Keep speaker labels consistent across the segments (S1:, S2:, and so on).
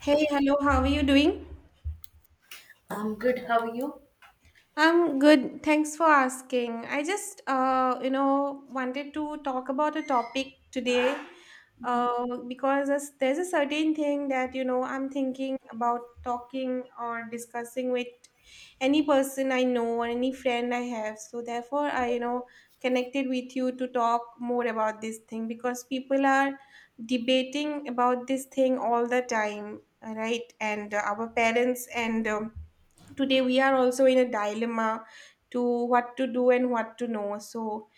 S1: Hey, hello, how are you doing?
S2: I'm good. How are you?
S1: I'm good. Thanks for asking. I just, wanted to talk about a topic today, because there's a certain thing that, I'm thinking about talking or discussing with any person I know or any friend I have. So therefore, I connected with you to talk more about this thing because people are debating about this thing all the time, right? And our parents, and today we are also in a dilemma to what to do and what to know. So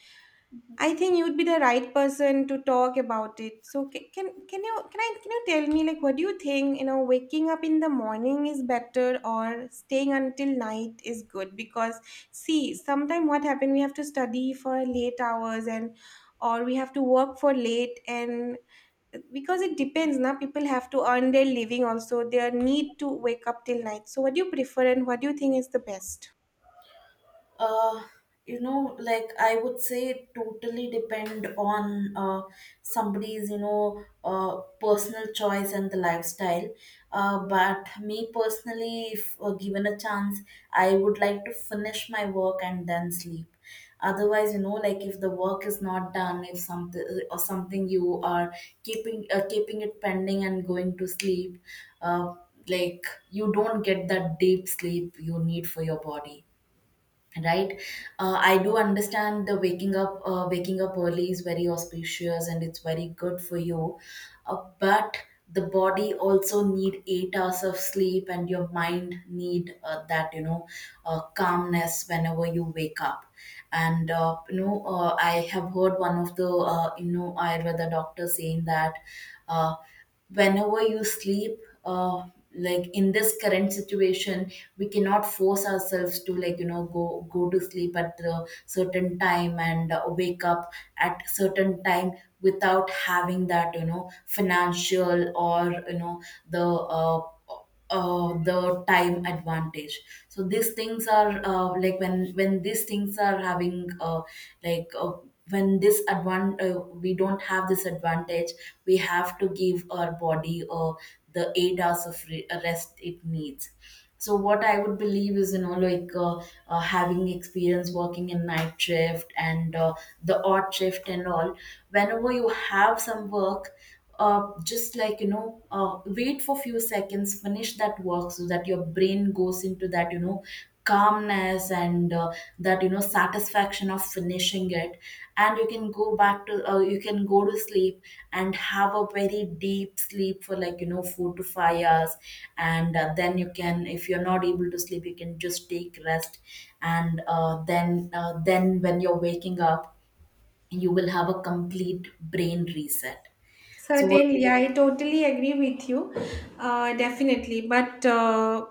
S1: I think you'd be the right person to talk about it. So can you tell me, like, what do you think, waking up in the morning is better or staying until night is good? Because, see, sometime what happen, we have to study for late hours, and or we have to work for late, and because it depends, now people have to earn their living also, their need to wake up till night. So what do you prefer and what do you think is the best?
S2: Uh, like I would say, it totally depend on somebody's, personal choice and the lifestyle. But me personally, if given a chance, I would like to finish my work and then sleep. Otherwise, like if the work is not done, if something or something you are keeping, keeping it pending and going to sleep, uh, like you don't get that deep sleep you need for your body, right. I do understand the waking up early is very auspicious and it's very good for you. But the body also need 8 hours of sleep, and your mind need that, calmness whenever you wake up. And I have heard one of the, ayurveda doctor saying that, uh, whenever you sleep, uh, like in this current situation we cannot force ourselves to, like, go to sleep at a certain time and wake up at certain time, without having that, financial, or the uh, the time advantage. So these things are, like when these things are having, like, we don't have this advantage. We have to give our body, the 8 hours of rest it needs. So what I would believe is, like, having experience working in night shift, and the odd shift and all. Whenever you have some work, just like, wait for few seconds, finish that work so that your brain goes into that, calmness, and that, satisfaction of finishing it, and you can go to sleep and have a very deep sleep for like, 4 to 5 hours. And then, you can, if you're not able to sleep, you can just take rest. And then, when you're waking up, you will have a complete brain reset. So what
S1: Certainly, I totally agree with you. Definitely, but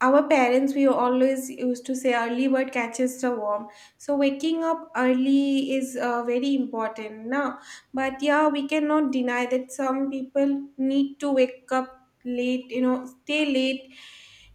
S1: our parents we always used to say early bird catches the worm. So waking up early is very important now. But yeah, we cannot deny that some people need to wake up late. You know, stay late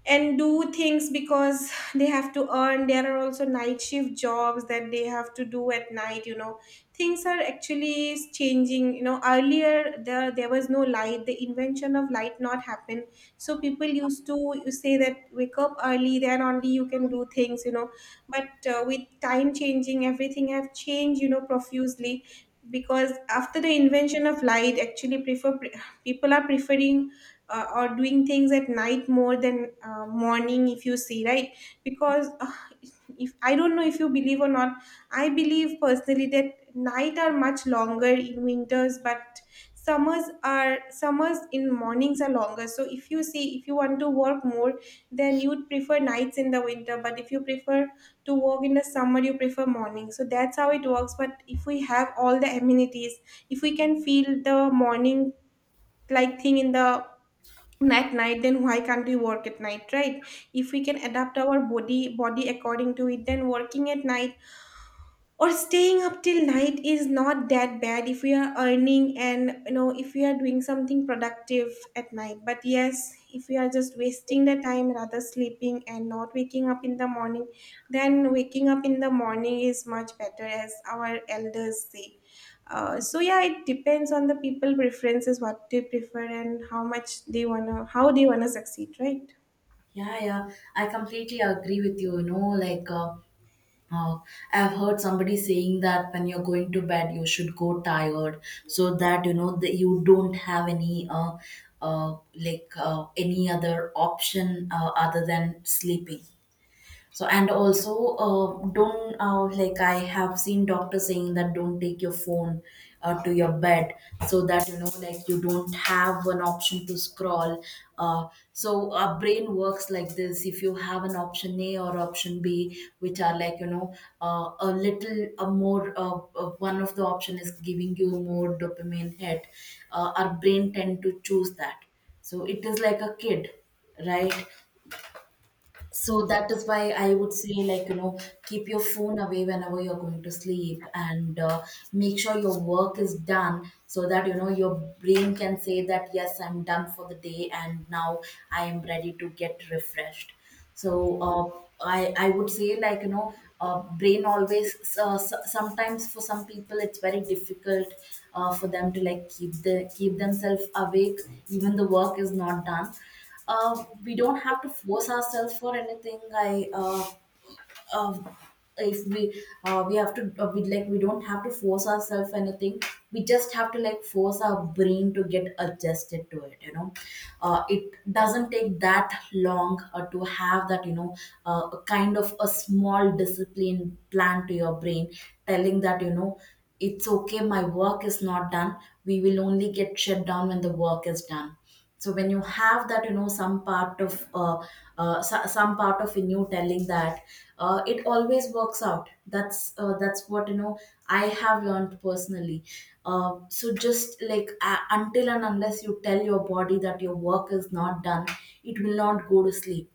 S1: and do things because they have to earn. There are also night shift jobs that they have to do at night. You know, things are actually is changing. You know, earlier there was no light, the invention of light not happened, so people used to, you say that wake up early then only you can do things, you know. But with time changing everything have changed, you know, profusely, because after the invention of light, actually prefer, people are preferring or doing things at night more than morning, if you see, right? Because if I don't know if you believe or not, I believe personally that night are much longer in winters, but summers are summers, in mornings are longer. So if you see, if you want to work more, then you would prefer nights in the winter, but if you prefer to work in the summer, you prefer morning. So that's how it works. But if we have all the amenities, if we can feel the morning like thing in the, at night, then why can't we work at night, right? If we can adapt our body according to it, then working at night or staying up till night is not that bad if we are earning and, you know, if we are doing something productive at night. But yes, if we are just wasting the time rather sleeping and not waking up in the morning, then waking up in the morning is much better, as our elders say. So yeah, it depends on the people preferences what they prefer and how much they wanna, how they wanna succeed, right?
S2: Yeah, yeah, I completely agree with you. Like uh, I've heard somebody saying that when you're going to bed, you should go tired, so that you know that you don't have any, any other option, other than sleeping. So, and also, don't like I have seen doctors saying that don't take your phone, to your bed, so that, like, you don't have an option to scroll. uh, so our brain works like this: if you have an option A or option B, which are like, a little, a more one of the option is giving you more dopamine hit. Our brain tend to choose that. So it is like a kid, right. So that is why I would say, like, keep your phone away whenever you're going to sleep, and make sure your work is done, so that, your brain can say that, yes, I'm done for the day, and now I am ready to get refreshed. So I would say, like, brain always, sometimes, for some people, it's very difficult, for them to, like, keep themselves awake, even the work is not done. We don't have to force ourselves for anything. I uh, if we, we have to, we, like, we don't have to force ourselves anything. We just have to, like, force our brain to get adjusted to it. It doesn't take that long, to have that, a kind of a small discipline plan to your brain, telling that, it's okay. My work is not done. We will only get shut down when the work is done. So when you have that, some part of, in you telling that, it always works out. That's, that's what, I have learned personally. So just, like, until and unless you tell your body that your work is not done, it will not go to sleep.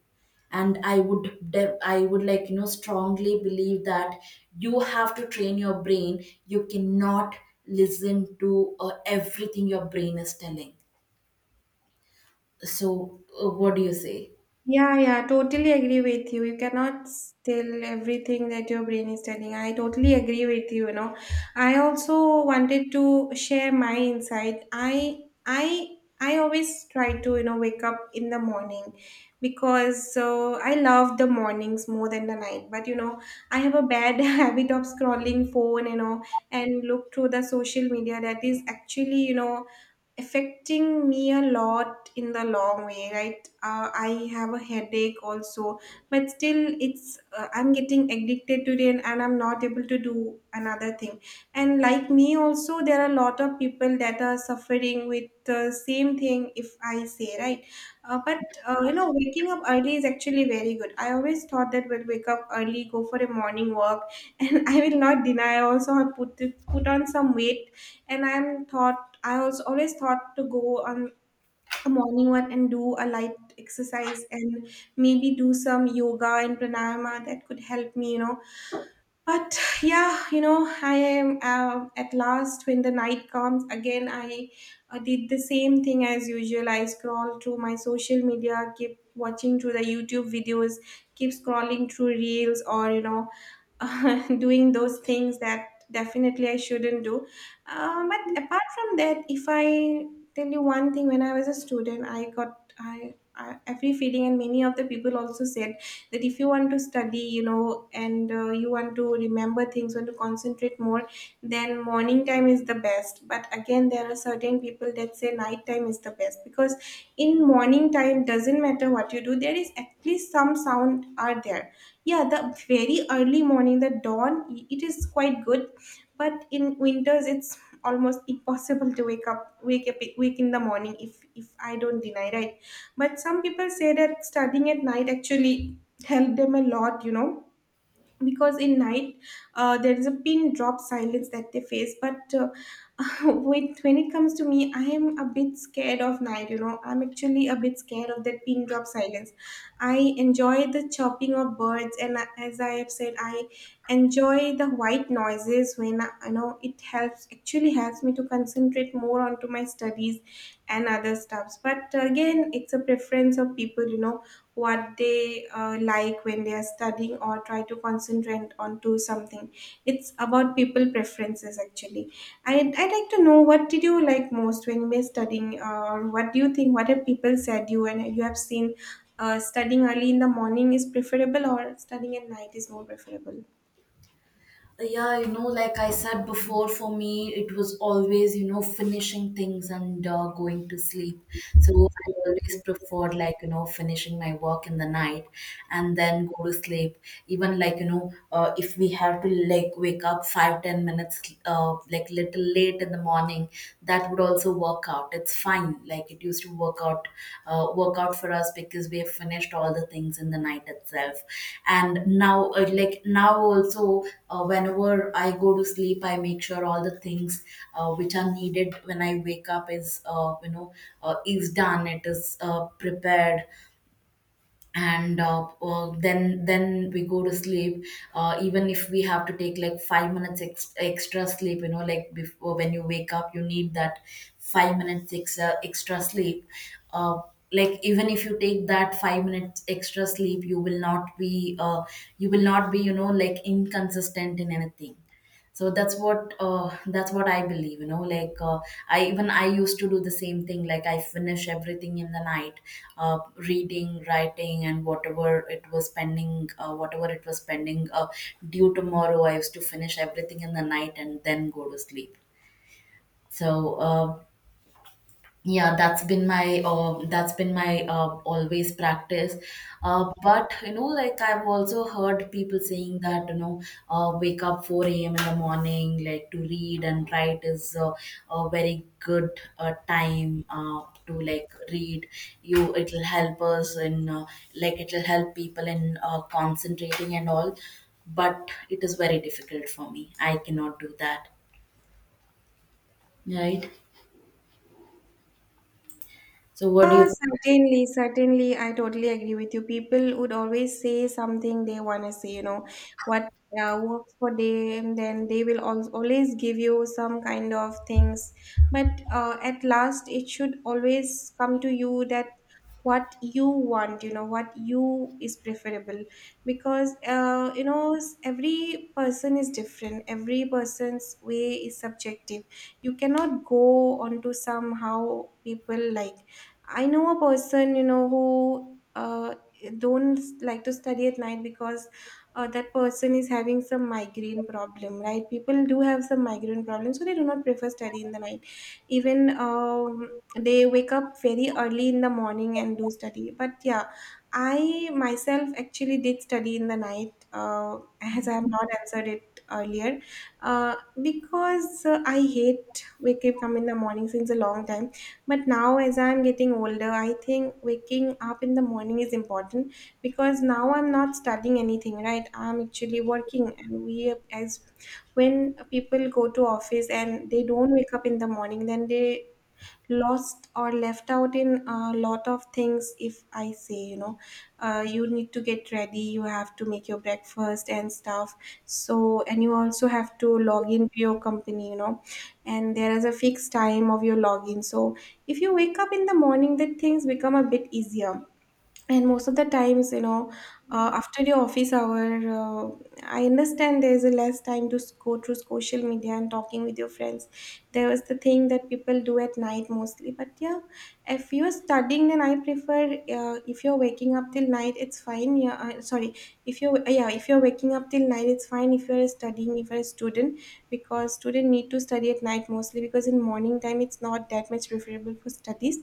S2: And I would, like, strongly believe that you have to train your brain. You cannot listen to, everything your brain is telling. So, what do you say?
S1: Yeah, yeah, totally agree with you. You cannot tell everything that your brain is telling. I totally agree with you, you know. I also wanted to share my insight. I always try to, you know, wake up in the morning because, so I love the mornings more than the night. But you know, I have a bad habit of scrolling phone, you know, and look through the social media that is actually, you know, affecting me a lot in the long way, right? I have a headache also, but still it's I'm getting addicted to it, and I'm not able to do another thing. And like me also, there are a lot of people that are suffering with the same thing, if I say, right? But You know, waking up early is actually very good. I always thought that we'll wake up early, go for a morning walk and I will not deny, I also have put, put on some weight. And I was always thought to go on a morning one and do a light exercise and maybe do some yoga and pranayama that could help me, you know. But yeah, you know, I am at last, when the night comes again, I did the same thing as usual. I scroll through my social media, keep watching through the YouTube videos, keep scrolling through reels, or, you know, doing those things that definitely I shouldn't do. But apart from that, if I tell you one thing, when I was a student, I every feeling, and many of the people also said that if you want to study, you know, and you want to remember things, want to concentrate more, then morning time is the best. But again, there are certain people that say night time is the best, because in morning time, doesn't matter what you do, there is at least some sound are there. Yeah, the very early morning, the dawn, it is quite good. But in winters it's almost impossible to wake up, wake in the morning, if I don't deny, right? But some people say that studying at night actually helped them a lot, you know, because in night there is a pin drop silence that they face. But when it comes to me, I am a bit scared of night, you know. I'm actually a bit scared of that pin drop silence. I enjoy the chirping of birds, and as I have said, I enjoy the white noises when you know, it helps, actually helps me to concentrate more onto my studies and other stuffs. But again, it's a preference of people, you know, what they like when they are studying or try to concentrate onto something. It's about people preferences actually. I'd like to know what did you like most when you were studying, or what do you think, what have people said you and you have seen, studying early in the morning is preferable or studying at night is more preferable?
S2: Yeah, like I said before, for me, it was always, finishing things and going to sleep. So I always preferred, like, finishing my work in the night and then go to sleep. Even, like, if we have to, like, wake up 5-10 minutes, like, little late in the morning, that would also work out. It's fine. Like it used to work out for us, because we have finished all the things in the night itself. And now, like now also, whenever I go to sleep, I make sure all the things, which are needed when I wake up is, is done. It is prepared, and then we go to sleep. Even if we have to take like 5 minutes extra sleep, like before, when you wake up you need that 5 minutes extra sleep. uh, like, even if you take that 5 minutes extra sleep, you will not be, like, inconsistent in anything. So that's what I believe, like, I, even I, used to do the same thing. Like I finish everything in the night, reading, writing, and whatever it was pending, due tomorrow, I used to finish everything in the night and then go to sleep. So, uh, yeah, that's been my always practice. But like I've also heard people saying that, wake up 4 a.m. in the morning, like to read and write is, a very good, time, to, like, read. It'll help us in, like it'll help people in, concentrating and all. But it is very difficult for me. I cannot do that. Right. So, what do
S1: Ah,
S2: you
S1: certainly, certainly. I totally agree with you. People would always say something they want to say, you know, what works for them, then they will al always give you some kind of things. But at last, it should always come to you that what you want, you know, what you is preferable. Because, you know, every person is different, every person's way is subjective. You cannot go onto somehow people, like I know a person, you know, who don't like to study at night because that person is having some migraine problem, right? People do have some migraine problem, so they do not prefer study in the night. Even they wake up very early in the morning and do study. But yeah, I myself actually did study in the night, as I have not answered it earlier, uh, because I hate waking up in the morning since a long time. But now, as I'm getting older, I think waking up in the morning is important, because now I'm not studying anything, right? I'm actually working, and we as, when people go to office and they don't wake up in the morning, then they lost or left out in a lot of things, if I say, you know, you need to get ready, you have to make your breakfast and stuff. So, and you also have to log in to your company, you know, and there is a fixed time of your login. So, if you wake up in the morning, the things become a bit easier. And most of the times, you know, after your office hour, uh, I understand there's a less time to go through social media and talking with your friends. There was the thing that people do at night mostly. But yeah, if you're studying, then I prefer, if you're waking up till night, it's fine. Yeah, sorry, if you're yeah, if you're waking up till night, it's fine, if you're studying, if you're a student, because student need to study at night mostly, because in morning time it's not that much preferable for studies,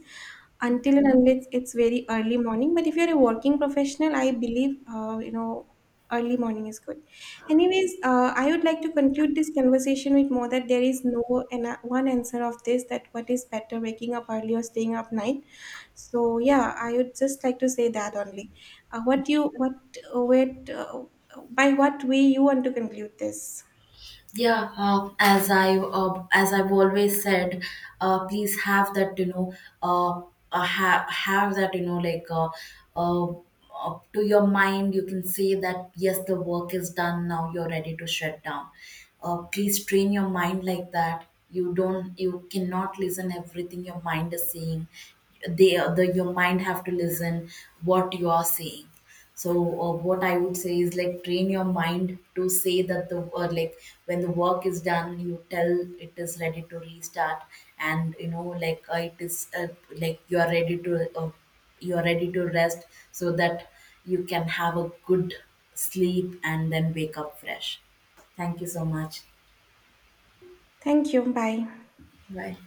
S1: until and unless it's very early morning. But if you're a working professional, I believe, you know, early morning is good. Anyways, I would like to conclude this conversation with more that there is no and one answer of this, that what is better, waking up early or staying up night. So yeah, I would just like to say that only, what you, what by what way you want to conclude this.
S2: Yeah, as I've always said, please have that, uh, like, to your mind, you can say that yes, the work is done. Now you're ready to shut down. Please train your mind like that. You don't, you cannot listen everything your mind is saying. They, the your mind have to listen what you are saying. So, what I would say is, like, train your mind to say that the, or like, when the work is done you tell it is ready to restart. And like, it is, like, you are ready to you are ready to rest, so that you can have a good sleep and then wake up fresh. Thank you so much.
S1: Thank you. Bye.
S2: Bye.